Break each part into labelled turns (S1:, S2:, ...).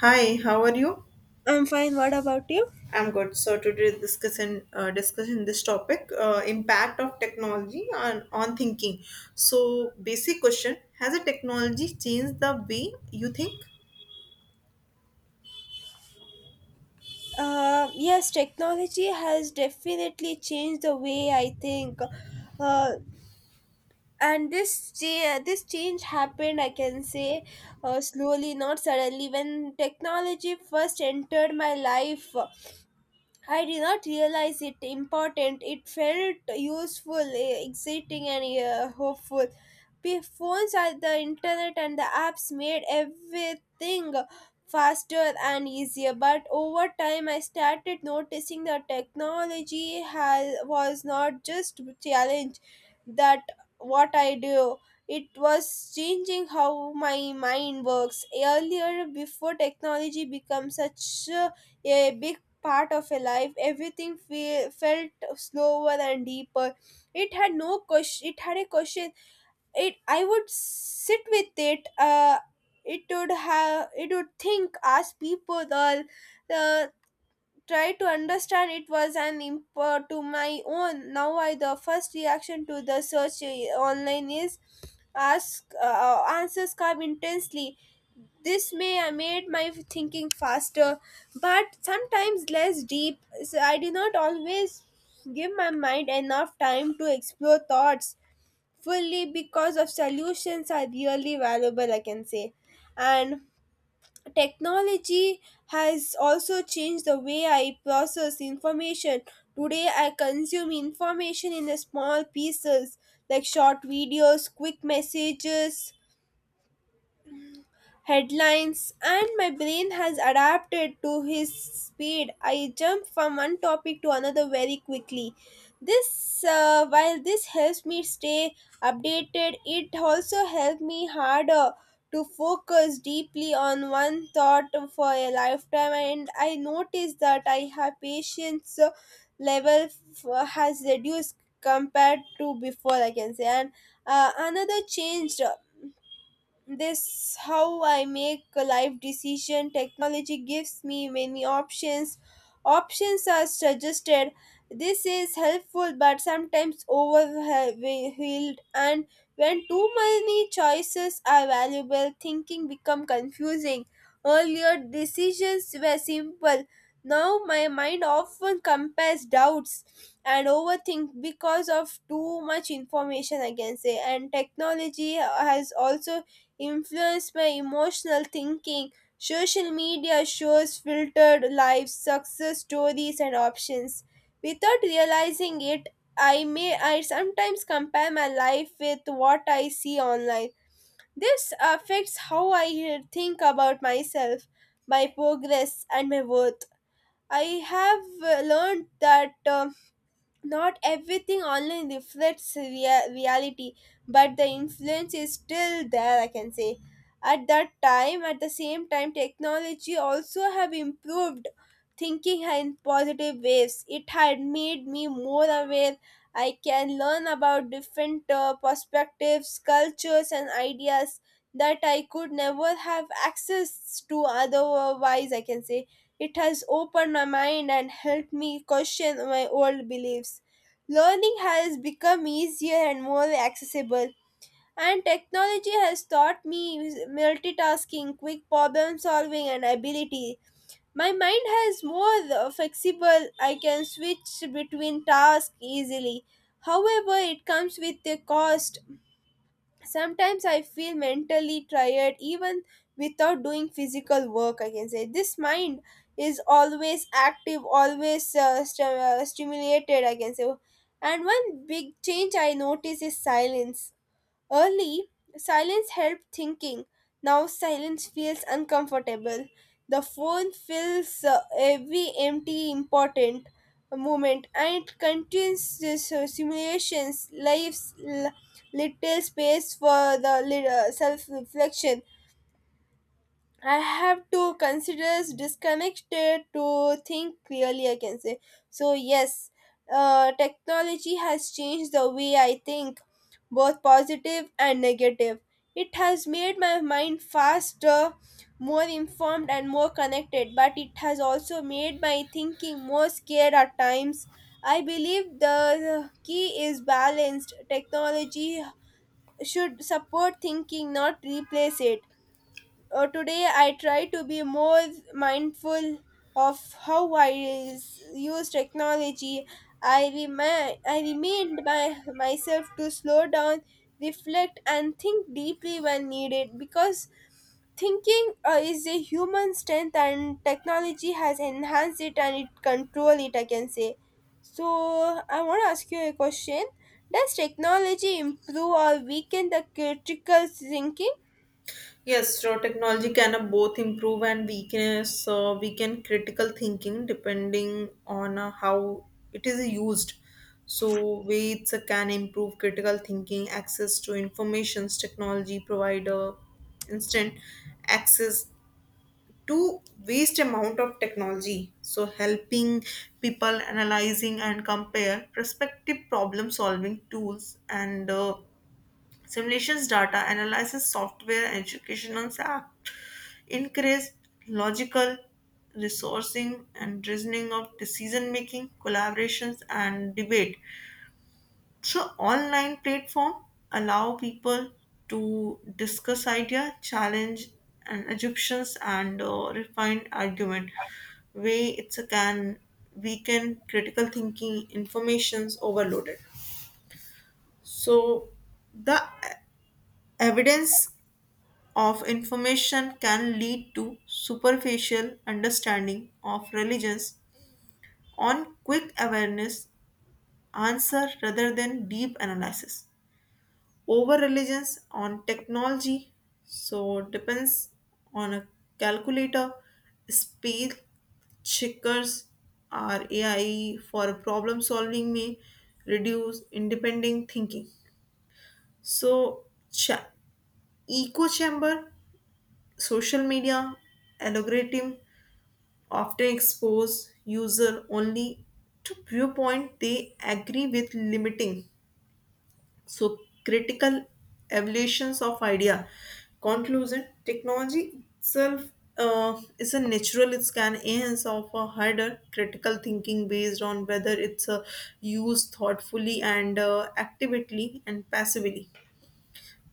S1: Hi, how are you?
S2: I'm fine. What about you?
S1: I'm good. So today discussing this topic, impact of technology on thinking. So basic question: Has a technology changed the way you think?
S2: Yes, technology has definitely changed the way I think. Uh, and this change happened, I can say, slowly, not suddenly. When technology first entered my life, I did not realize it important. It felt useful, exciting, and hopeful. Phones are the internet and the apps made everything faster and easier. But over time, I started noticing that technology has, was not just challenge that what I do. It was changing how my mind works. Earlier, before technology became such a big part of a life, everything felt slower and deeper. It had no question, it had a question, it I would sit with it, it would have, it would think, ask people all, uh, try to understand it was an import to my own. Now I the first reaction to the search online is ask, answers come intensely. This may I made my thinking faster, but sometimes less deep. So I did not always give my mind enough time to explore thoughts fully because of solutions are really valuable, I can say. And technology has also changed the way I process information. Today, I consume information in the small pieces like short videos, quick messages, headlines, and my brain has adapted to his speed. I jump from one topic to another very quickly. While this helps me stay updated, it also helps me harder to focus deeply on one thought for a lifetime. And I notice that I have patience level has reduced compared to before, I can say. And another change, this how I make a life decision. Technology gives me many options, options are suggested. This is helpful, but sometimes overwhelmed, and when too many choices are valuable thinking become confusing. Earlier decisions were simple, now my mind often compares doubts and overthink because of too much information, I can say. And technology has also influenced by emotional thinking. Social media shows filtered lives, success stories, and options. Without realizing it, I sometimes compare my life with what I see online. This affects how I think about myself, my progress, and my worth. I have learned that. Not everything online reflects reality, but the influence is still there, I can say. At the same time, technology also have improved thinking in positive ways. It had made me more aware, I can learn about different perspectives, cultures, and ideas that I could never have access to otherwise, I can say. It has opened my mind and helped me question my old beliefs. Learning has become easier and more accessible, and technology has taught me multitasking, quick problem solving, and ability. My mind has more flexible, I can switch between tasks easily. However, it comes with a cost. Sometimes I feel mentally tired even without doing physical work, I can say. This mind is always active, always stimulated, I can say. And one big change I notice is silence. Early, silence helped thinking. Now, silence feels uncomfortable. The phone fills every empty important moment, and it contains this, simulations, lives, little space for the self reflection. I have to consider disconnected to think clearly, I can say. So, yes, technology has changed the way I think, both positive and negative. It has made my mind faster, more informed, and more connected, but it has also made my thinking more scared at times. I believe the key is balanced. Technology should support thinking, not replace it. Today I try to be more mindful of how I use technology. I remind myself to slow down, reflect, and think deeply when needed because thinking is a human strength and technology has enhanced it and it control it, I can say. So I want to ask you a question. Does technology improve or weaken the critical thinking?
S1: Yes, so technology can both improve and weakness. So we can critical thinking depending on how it is used. So weights can improve critical thinking, access to informations, technology provider, instant access to waste amount of technology, so helping people analyzing and compare prospective problem solving tools and simulations, data analysis software, educational app increase logical resourcing and reasoning of decision making, collaborations and debate. So online platform allow people to discuss idea, challenge and assumptions, and refine argument. Way it's a can weaken critical thinking, information's overloaded. So the evidence of information can lead to superficial understanding of religions on quick awareness answer rather than deep analysis. Over reliance on technology, so depends on a calculator, speed checkers, or ai for problem solving may reduce independent thinking. so cha- Echo chamber, social media algorithm often expose user only to viewpoint they agree with, limiting, so, critical evolutions of idea. Conclusion: Technology itself is a natural scan ends of a harder critical thinking based on whether it's used thoughtfully and actively and passively.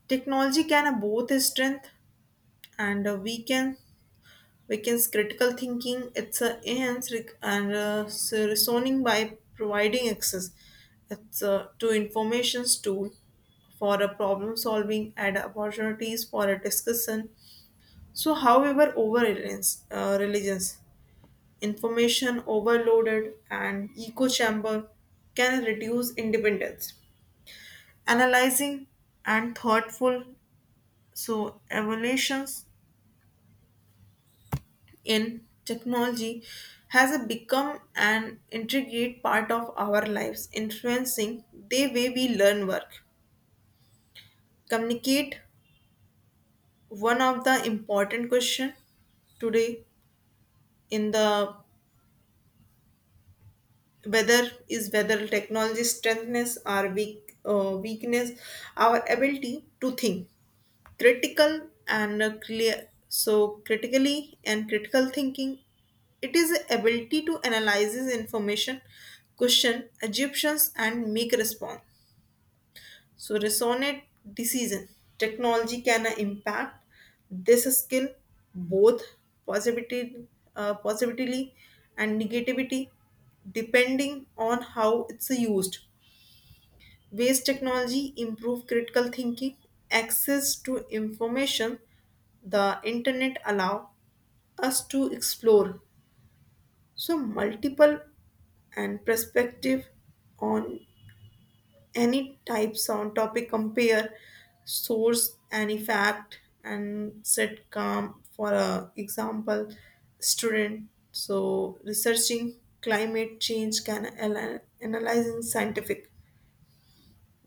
S1: Technology can both strength and weakens critical thinking. It's a enhance rec- and So reasoning by providing access, to information's tool for a problem solving and opportunities for a discussion. So, however, over reliance, religions, information overloaded and echo chamber can reduce independence. Analyzing and thoughtful, so evaluations in technology has become an integrate part of our lives, influencing the way we learn, work, communicate. One of the important question today in the whether is whether technology strengthens our weak, weakness, our ability to think critical and clear, so critically. And critical thinking, it is the ability to analyze information, question assumptions, and make response, so resonate decision. Technology can impact this skill both positivity positively and negativity depending on how it's used. Ways technology improve critical thinking: access to information, the internet allow us to explore so multiple and perspective on any types on topic, compare source and effect, and set calm. For a example, student so researching climate change can analyzing scientific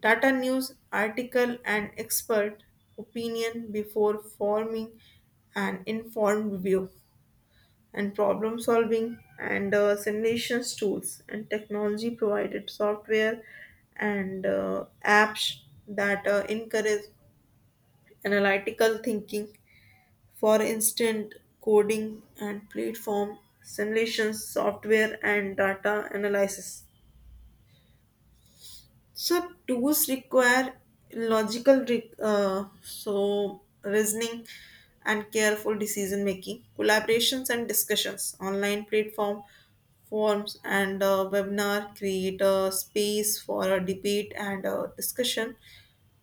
S1: data, news article, and expert opinion before forming an informed view. And problem solving and simulations tools, and technology provided software and apps that encourage analytical thinking. For instance, coding and platform, simulations software, and data analysis. So tools require logical, so reasoning and careful decision making, collaborations and discussions. Online platform forms and webinar create a space for a debate and discussion.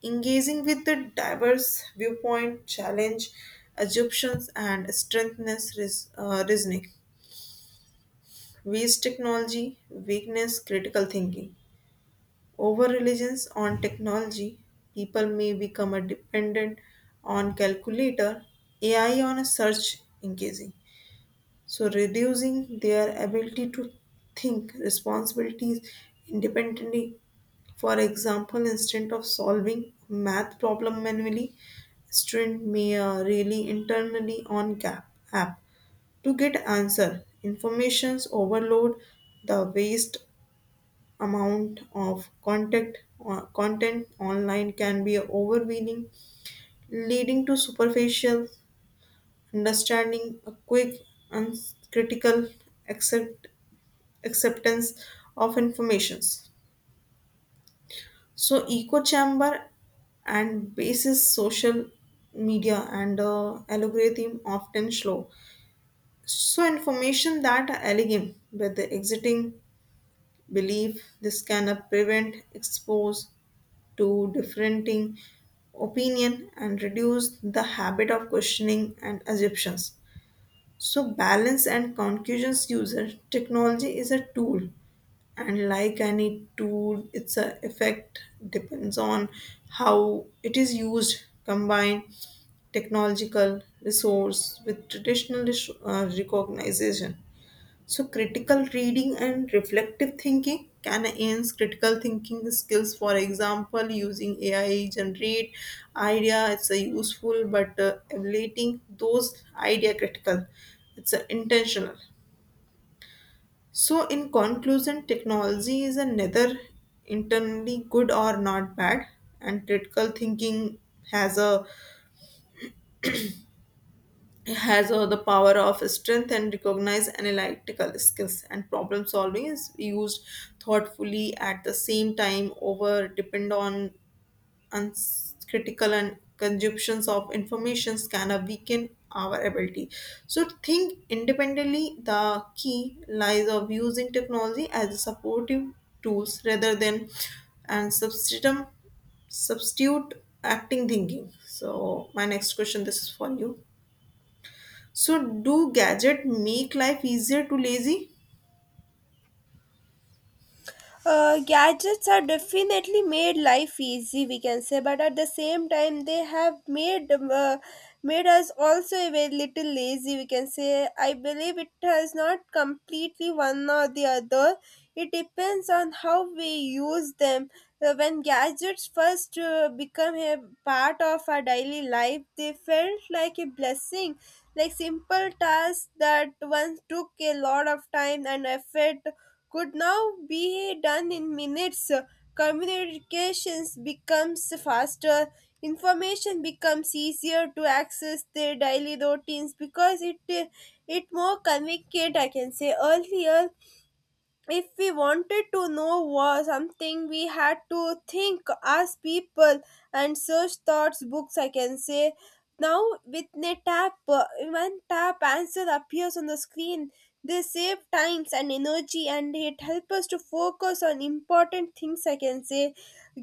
S1: Engaging with the diverse viewpoint, challenge assumptions and strengthens reasoning. Waste technology, weakness, critical thinking. Over reliance on technology, people may become a dependent on calculator, AI on a search engaging. So reducing their ability to think responsibilities independently. For example, instead of solving a math problem manually, student may rely internally on Gap app to get answer. Informations overload, the waste amount of content online can be overwhelming, leading to superficial understanding, a quick, uncritical accept, acceptance of informations. So, echo chamber and basis, social media and algorithm often slow. So, information that are elegant with the exiting belief, this can prevent, expose, to differenting opinion and reduce the habit of questioning and assumptions. So balance and conscious user, technology is a tool, and like any tool its a effect depends on how it is used. Combine technological resource with traditional recognition, so critical reading and reflective thinking can enhance critical thinking skills. For example, using AI generate idea, it's a useful, but evaluating those idea critical, it's a intentional. So, in conclusion, technology is a neither internally good or not bad, and critical thinking has a has the power of strength and recognize analytical skills and problem solving is used thoughtfully. At the same time, over depend on critical and consumptions of information can weaken our ability so to think independently. The key lies of using technology as a supportive tools rather than and substitute acting thinking. So my next question, this is for you: so, do gadget make life easier to lazy?
S2: Gadgets are definitely made life easy, we can say, but at the same time, they have made us also a very little lazy, we can say. I believe it has not completely one or the other. It depends on how we use them. When gadgets first become a part of our daily life, they felt like a blessing, like simple tasks that once took a lot of time and effort could now be done in minutes. Communications becomes faster, information becomes easier to access their daily routines because it more convenient, I can say. Earlier, if we wanted to know was something, we had to think as people and search thoughts books, I can say. Now with a tap one tap answer appears on the screen. This save times and energy and it helps us to focus on important things, I can say.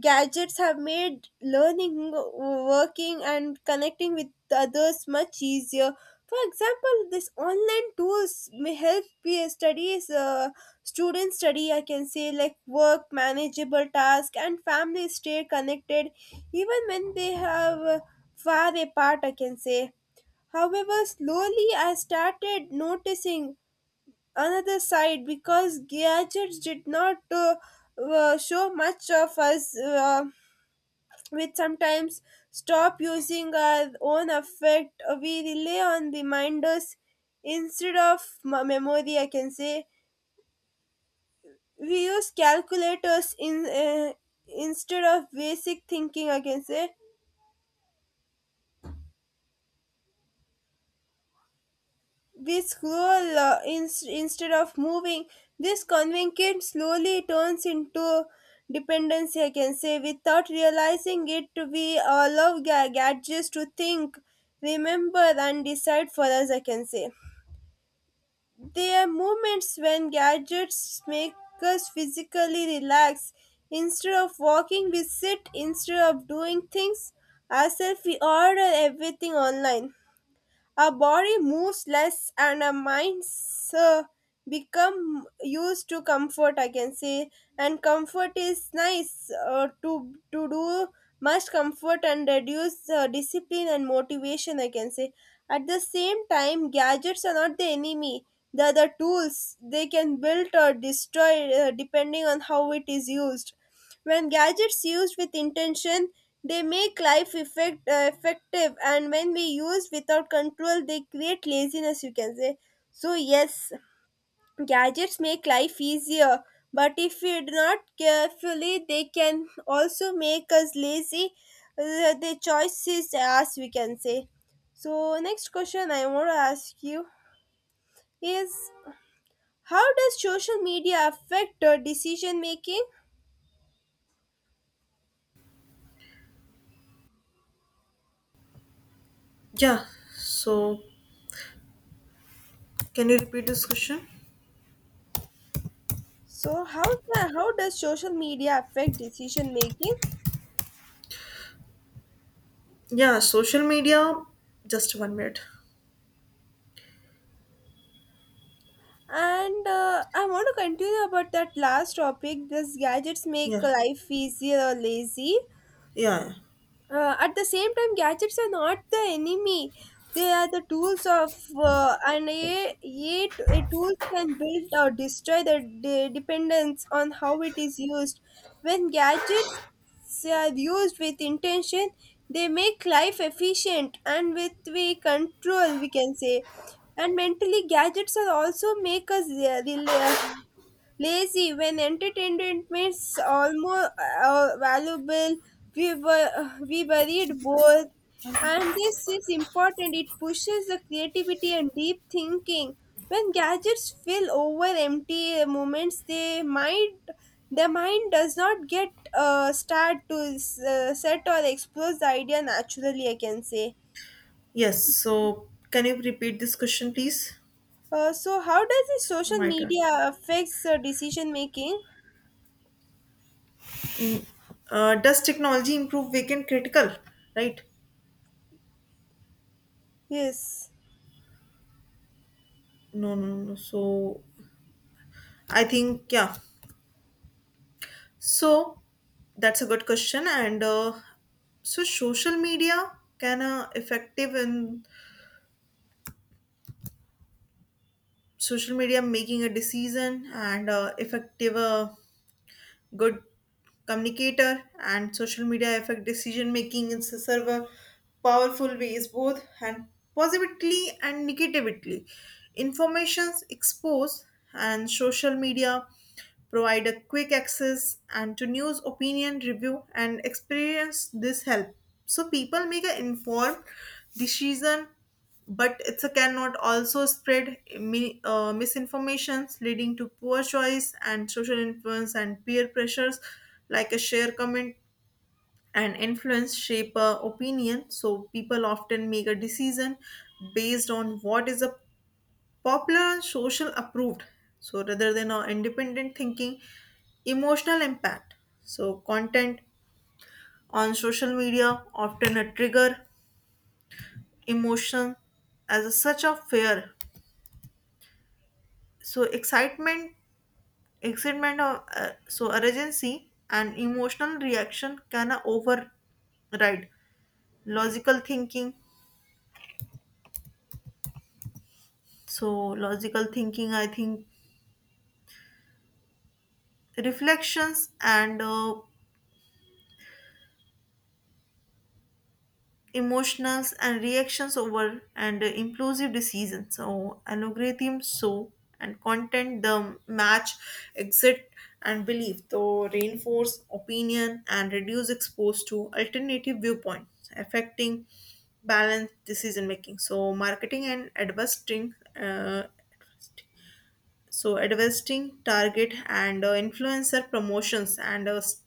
S2: Gadgets have made learning, working, and connecting with others much easier. For example, this online tools may help student study, I can say, like work, manageable task, and family stay connected even when they have far apart, I can say. However, slowly I started noticing another side because gadgets did not show much of us. Which sometimes stop using our own affect. We rely on reminders instead of memory, I can say. We use calculators in instead of basic thinking, I can say. We scroll instead of moving. This convincing slowly turns into dependency, I can say, without realizing it. We allow gadgets to think, remember, and decide for us, I can say. There are moments when gadgets make us physically relax. Instead of walking, we sit. Instead of doing things ourselves, we order everything online. Our body moves less and our minds become used to comfort, I can say. And comfort is nice to do much comfort and reduce discipline and motivation, I can say. At the same time, gadgets are not the enemy. They're the tools, they can build or destroy depending on how it is used. When gadgets used with intention, they make life effective, and when we use without control, they create laziness, you can say. So, yes, gadgets make life easier, but if we do not carefully, they can also make us lazy. The choice is us, we can say. So, next question I want to ask you is how does social media affect decision making?
S1: Yeah, so can you repeat this question?
S2: So how does social media affect decision making?
S1: Yeah, social media. Just one minute.
S2: And I want to continue about that last topic. Does gadgets make
S1: Yeah,
S2: life easier or lazy?
S1: yeah.
S2: At the same time, gadgets are not the enemy. They are the tools of AI, a tool can build or destroy the dependence on how it is used. When gadgets are used with intention, they make life efficient and with we control, we can say. And mentally, gadgets are also make us lazy when entertainment is almost valuable. We buried both, and this is important, it pushes the creativity and deep thinking. When gadgets fill over empty moments, they might the mind does not get start to set or explore the idea naturally, I can say.
S1: Yes. So, can you repeat this question, please?
S2: So how does the social
S1: My turn.
S2: media affects decision making?
S1: Does technology improve vacant critical? Right?
S2: Yes.
S1: No, no, no. So, I think yeah. So, that's a good question. And so, social media can effective in social media making a decision, and effective good communicator. And social media affect decision making in several powerful ways, both and positively and negatively. Informations exposed and social media provide a quick access and to news opinion review and experience, this help so people make an informed decision, but it cannot also spread misinformations leading to poor choice. And social influence and peer pressures like a share, comment and influence shape opinion, so people often make a decision based on what is a popular and social approved so rather than our independent thinking. Emotional impact, so content on social media often a trigger emotion as a such of fear, so excitement, so urgency, and emotional reaction can override logical thinking. So, logical thinking, I think, reflections and emotions and reactions over and impulsive decisions. So algorithm, so and content the match exit and belief so reinforce opinion and reduce exposed to alternative viewpoints, affecting balanced decision making. So marketing and advertising, uh, so investing target and influencer promotions and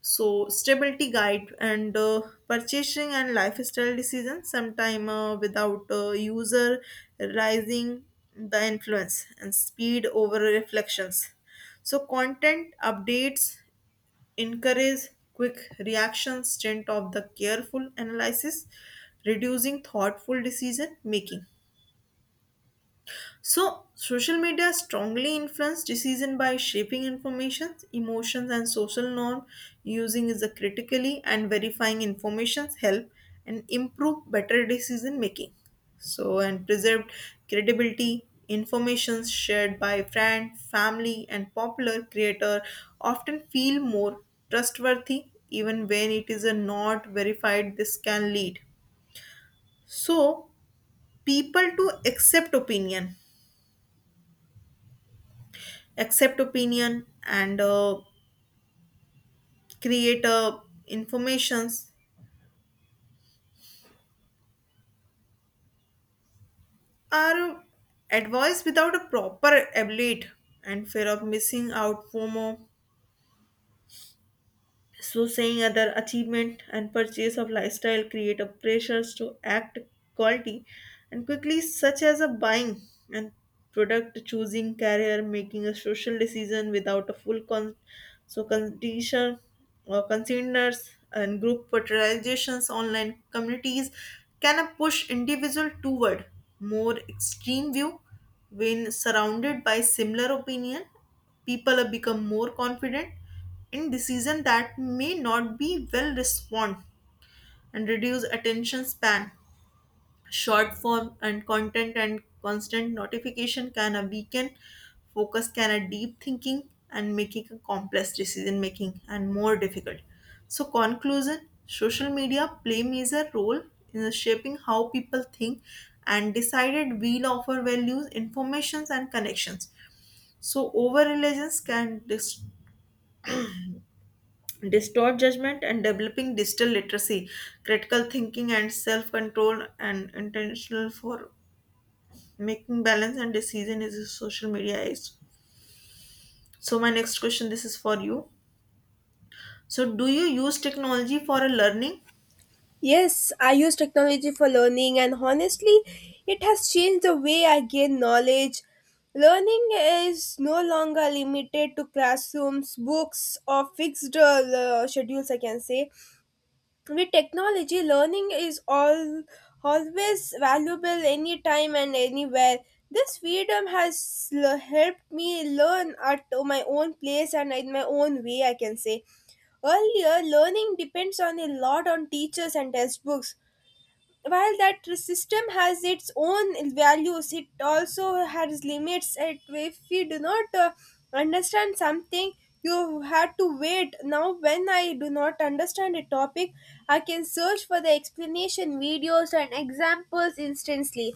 S1: so stability guide and purchasing and lifestyle decisions sometime without user rising the influence. And speed over reflections, so content updates encourage quick reactions stint of the careful analysis, reducing thoughtful decision making. So, social media strongly influence decision by shaping information, emotions, and social norm. Using is a critically and verifying informations help and improve better decision making. So, and preserved credibility. Informations shared by friend, family, and popular creator often feel more trustworthy, even when it is a not verified. This can lead so people to accept opinion and create informations are advice without a proper evaluate. And fear of missing out, fomo, so, saying other achievement and purchase of lifestyle create a pressures to act quality and quickly, such as a buying and product choosing, career making a social decision without a full so condition or consigners. And group fertilizations, online communities can push individual toward more extreme view. When surrounded by similar opinion, people become more confident in decision that may not be well respond. And reduce attention span, short form and content and constant notification can a weaken focus can a deep thinking and making a complex decision making and more difficult. So conclusion: social media play major role in shaping how people think and decided will offer values, informations and connections. So over reliance can distort judgment. And developing digital literacy, critical thinking, and self-control and intentional for making balance and decision is a social media age. So my next question, this is for you: so do you use technology for a learning?
S2: Yes, I use technology for learning, and honestly, it has changed the way I gain knowledge. Learning is no longer limited to classrooms, books, or fixed schedules, I can say. With technology, learning is all always valuable anytime and anywhere. This freedom has helped me learn at my own place and in my own way, I can say. Earlier, learning depends on a lot on teachers and textbooks. While that system has its own values, it also has limits, and if we do not understand something, you had to wait. Now when I do not understand a topic, I can search for the explanation videos and examples instantly.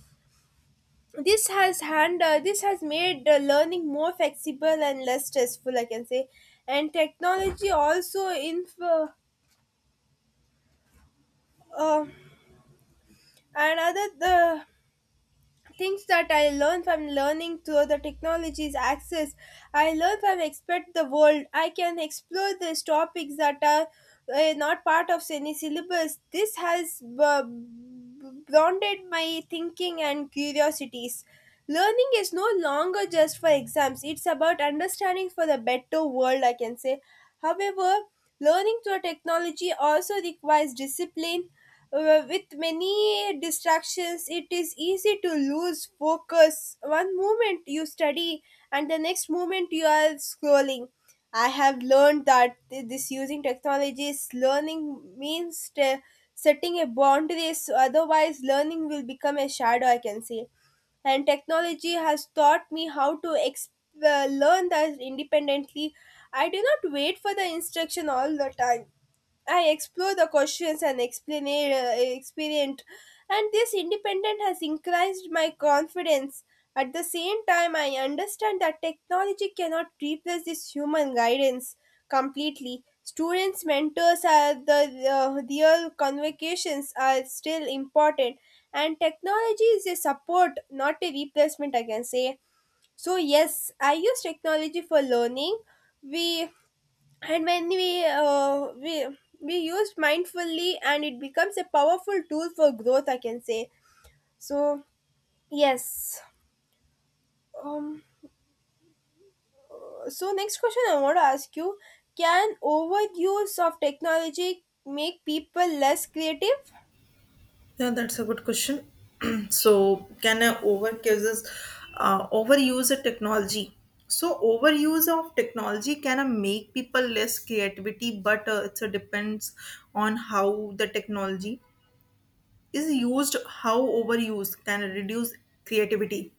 S2: This has hand uh, this has made learning more flexible and less stressful, I can say. And technology also inf uh, another the things that I learn from learning through the technology's access. I learn from expert the world. I can explore these topics that are not part of any syllabus. This has broadened my thinking and curiosities. Learning is no longer just for exams. It's about understanding for the better world, I can say. However, learning through technology also requires discipline. With many distractions, it is easy to lose focus. One moment you study, and the next moment you are scrolling. I have learned that this using technology is learning means setting a boundaries. Otherwise, learning will become a shadow, I can say. And technology has taught me how to learn that independently. I do not wait for the instruction all the time. I explore the questions and explain experiment, and this independence has increased my confidence. At the same time, I understand that technology cannot replace this human guidance completely. Students, mentors, are the real convocations are still important, and technology is a support, not a replacement, I can say. So, yes, I use technology for learning. We and when we use mindfully and it becomes a powerful tool for growth, I can say. So, yes. um so next question I want to ask you, can overuse of technology make people less creative?
S1: Yeah, that's a good question. So can I overuse, overuse a technology? So overuse of technology can make people less creativity, but it depends on how the technology is used. How overuse can reduce creativity: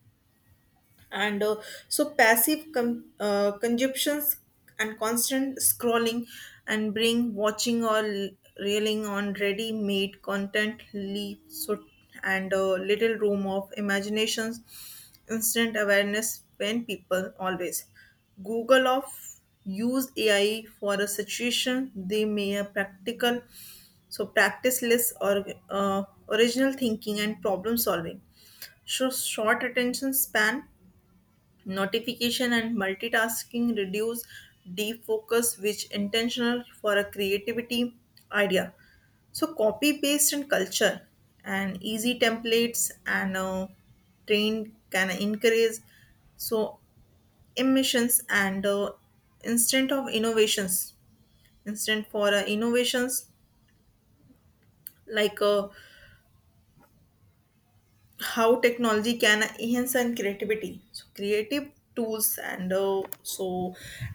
S1: and so passive consumptions and constant scrolling and bring watching or reeling on ready made content leave so and little room of imaginations. Instant awareness, when people always google of use ai for a situation, they may a practical, so practice less or uh, original thinking and problem solving. Shows short attention span, notification and multitasking reduce defocus, which intentional for a creativity idea. So copy paste and culture and easy templates and trained can encourage so emissions and instant of innovations. Instant for innovations like How technology can enhance and creativity: so creative tools and so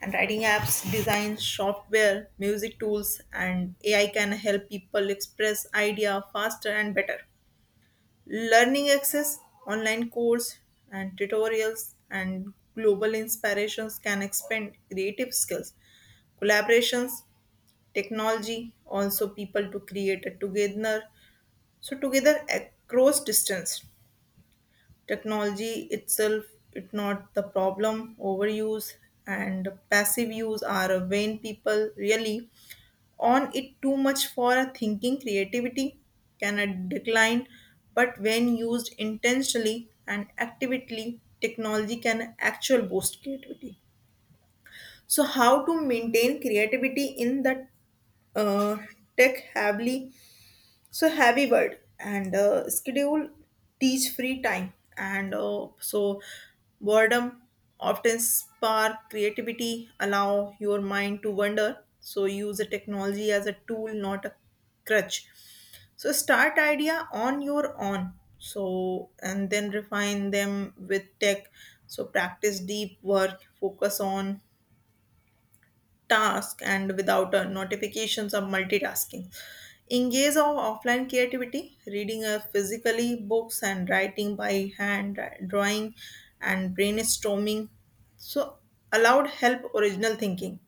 S1: and writing apps, design software, music tools, and ai can help people express idea faster and better. Learning access, online course and tutorials and global inspirations can expand creative skills. Collaborations, technology also people to create a together, so together across distance. Technology itself it not the problem. Overuse and passive use are when people really on it too much for a thinking, creativity can a decline. But when used intentionally and actively, technology can actual boost creativity. So how to maintain creativity in the uh, tech heavily so heavy word and schedule, teach free time and so boredom often spark creativity, allow your mind to wander. So use the technology as a tool, not a crutch. So start idea on your own, so and then refine them with tech. So practice deep work, focus on task and without notifications or multitasking. Engage our offline creativity, reading physically books and writing by hand, drawing and brainstorming. So allowed help original thinking.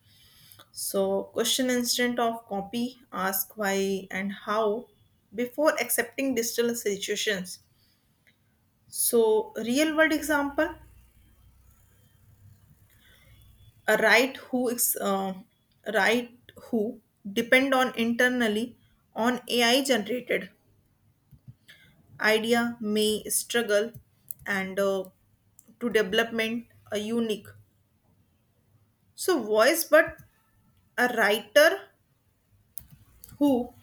S1: So question instead of copy, ask why and how before accepting digital situations. So real world example, a right who is right who depend on internally on AI generated idea may struggle and to development a unique so voice. But a writer who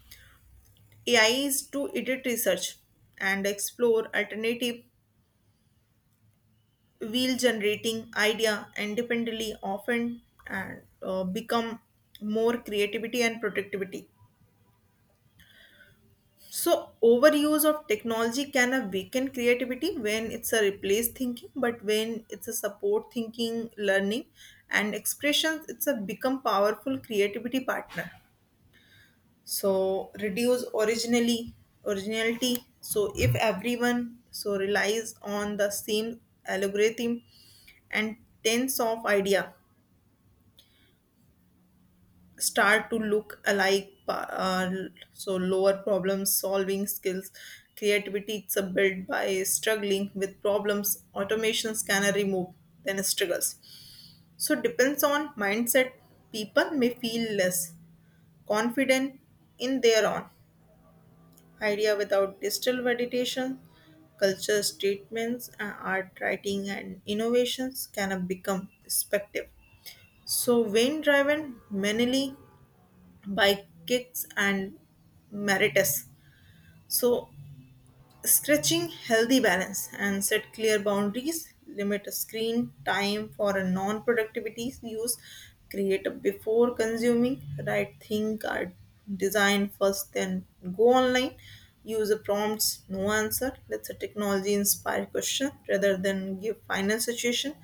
S1: AI is to edit research and explore alternative wheel generating idea independently often and become more creativity and productivity. So, overuse of technology can weaken creativity when it's a replace thinking, but when it's a support thinking, learning, and expressions, it's a become powerful creativity partner. So, reduce originally originality. So, if everyone so relies on the same algorithm and tens of idea, start to look alike uh, so lower problem solving skills. Creativity it's a built by struggling with problems, automations can remove then struggles. So depends on mindset, people may feel less confident in their own idea without digital validation. Culture statements, art, writing and innovations can become perspective so when driven mainly by kicks and meritus. So, stretching healthy balance and set clear boundaries, limit screen time for a non productivity use, create a before consuming, right think or design first, then go online. Use a prompts, no answer. Let's a technology inspired question rather than give final situation.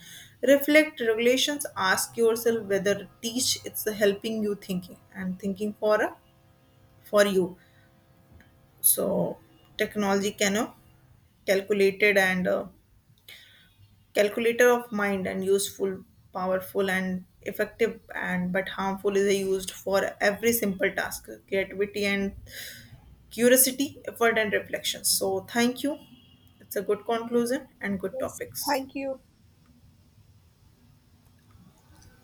S1: Reflect regulations, ask yourself whether teach it's helping you thinking and thinking for a for you. So technology can calculated and calculator of mind and useful, powerful and effective, and but harmful is used for every simple task, creativity and curiosity, effort and reflection. So thank you. It's a good conclusion and good
S2: Yes,
S1: topics.
S2: thank you.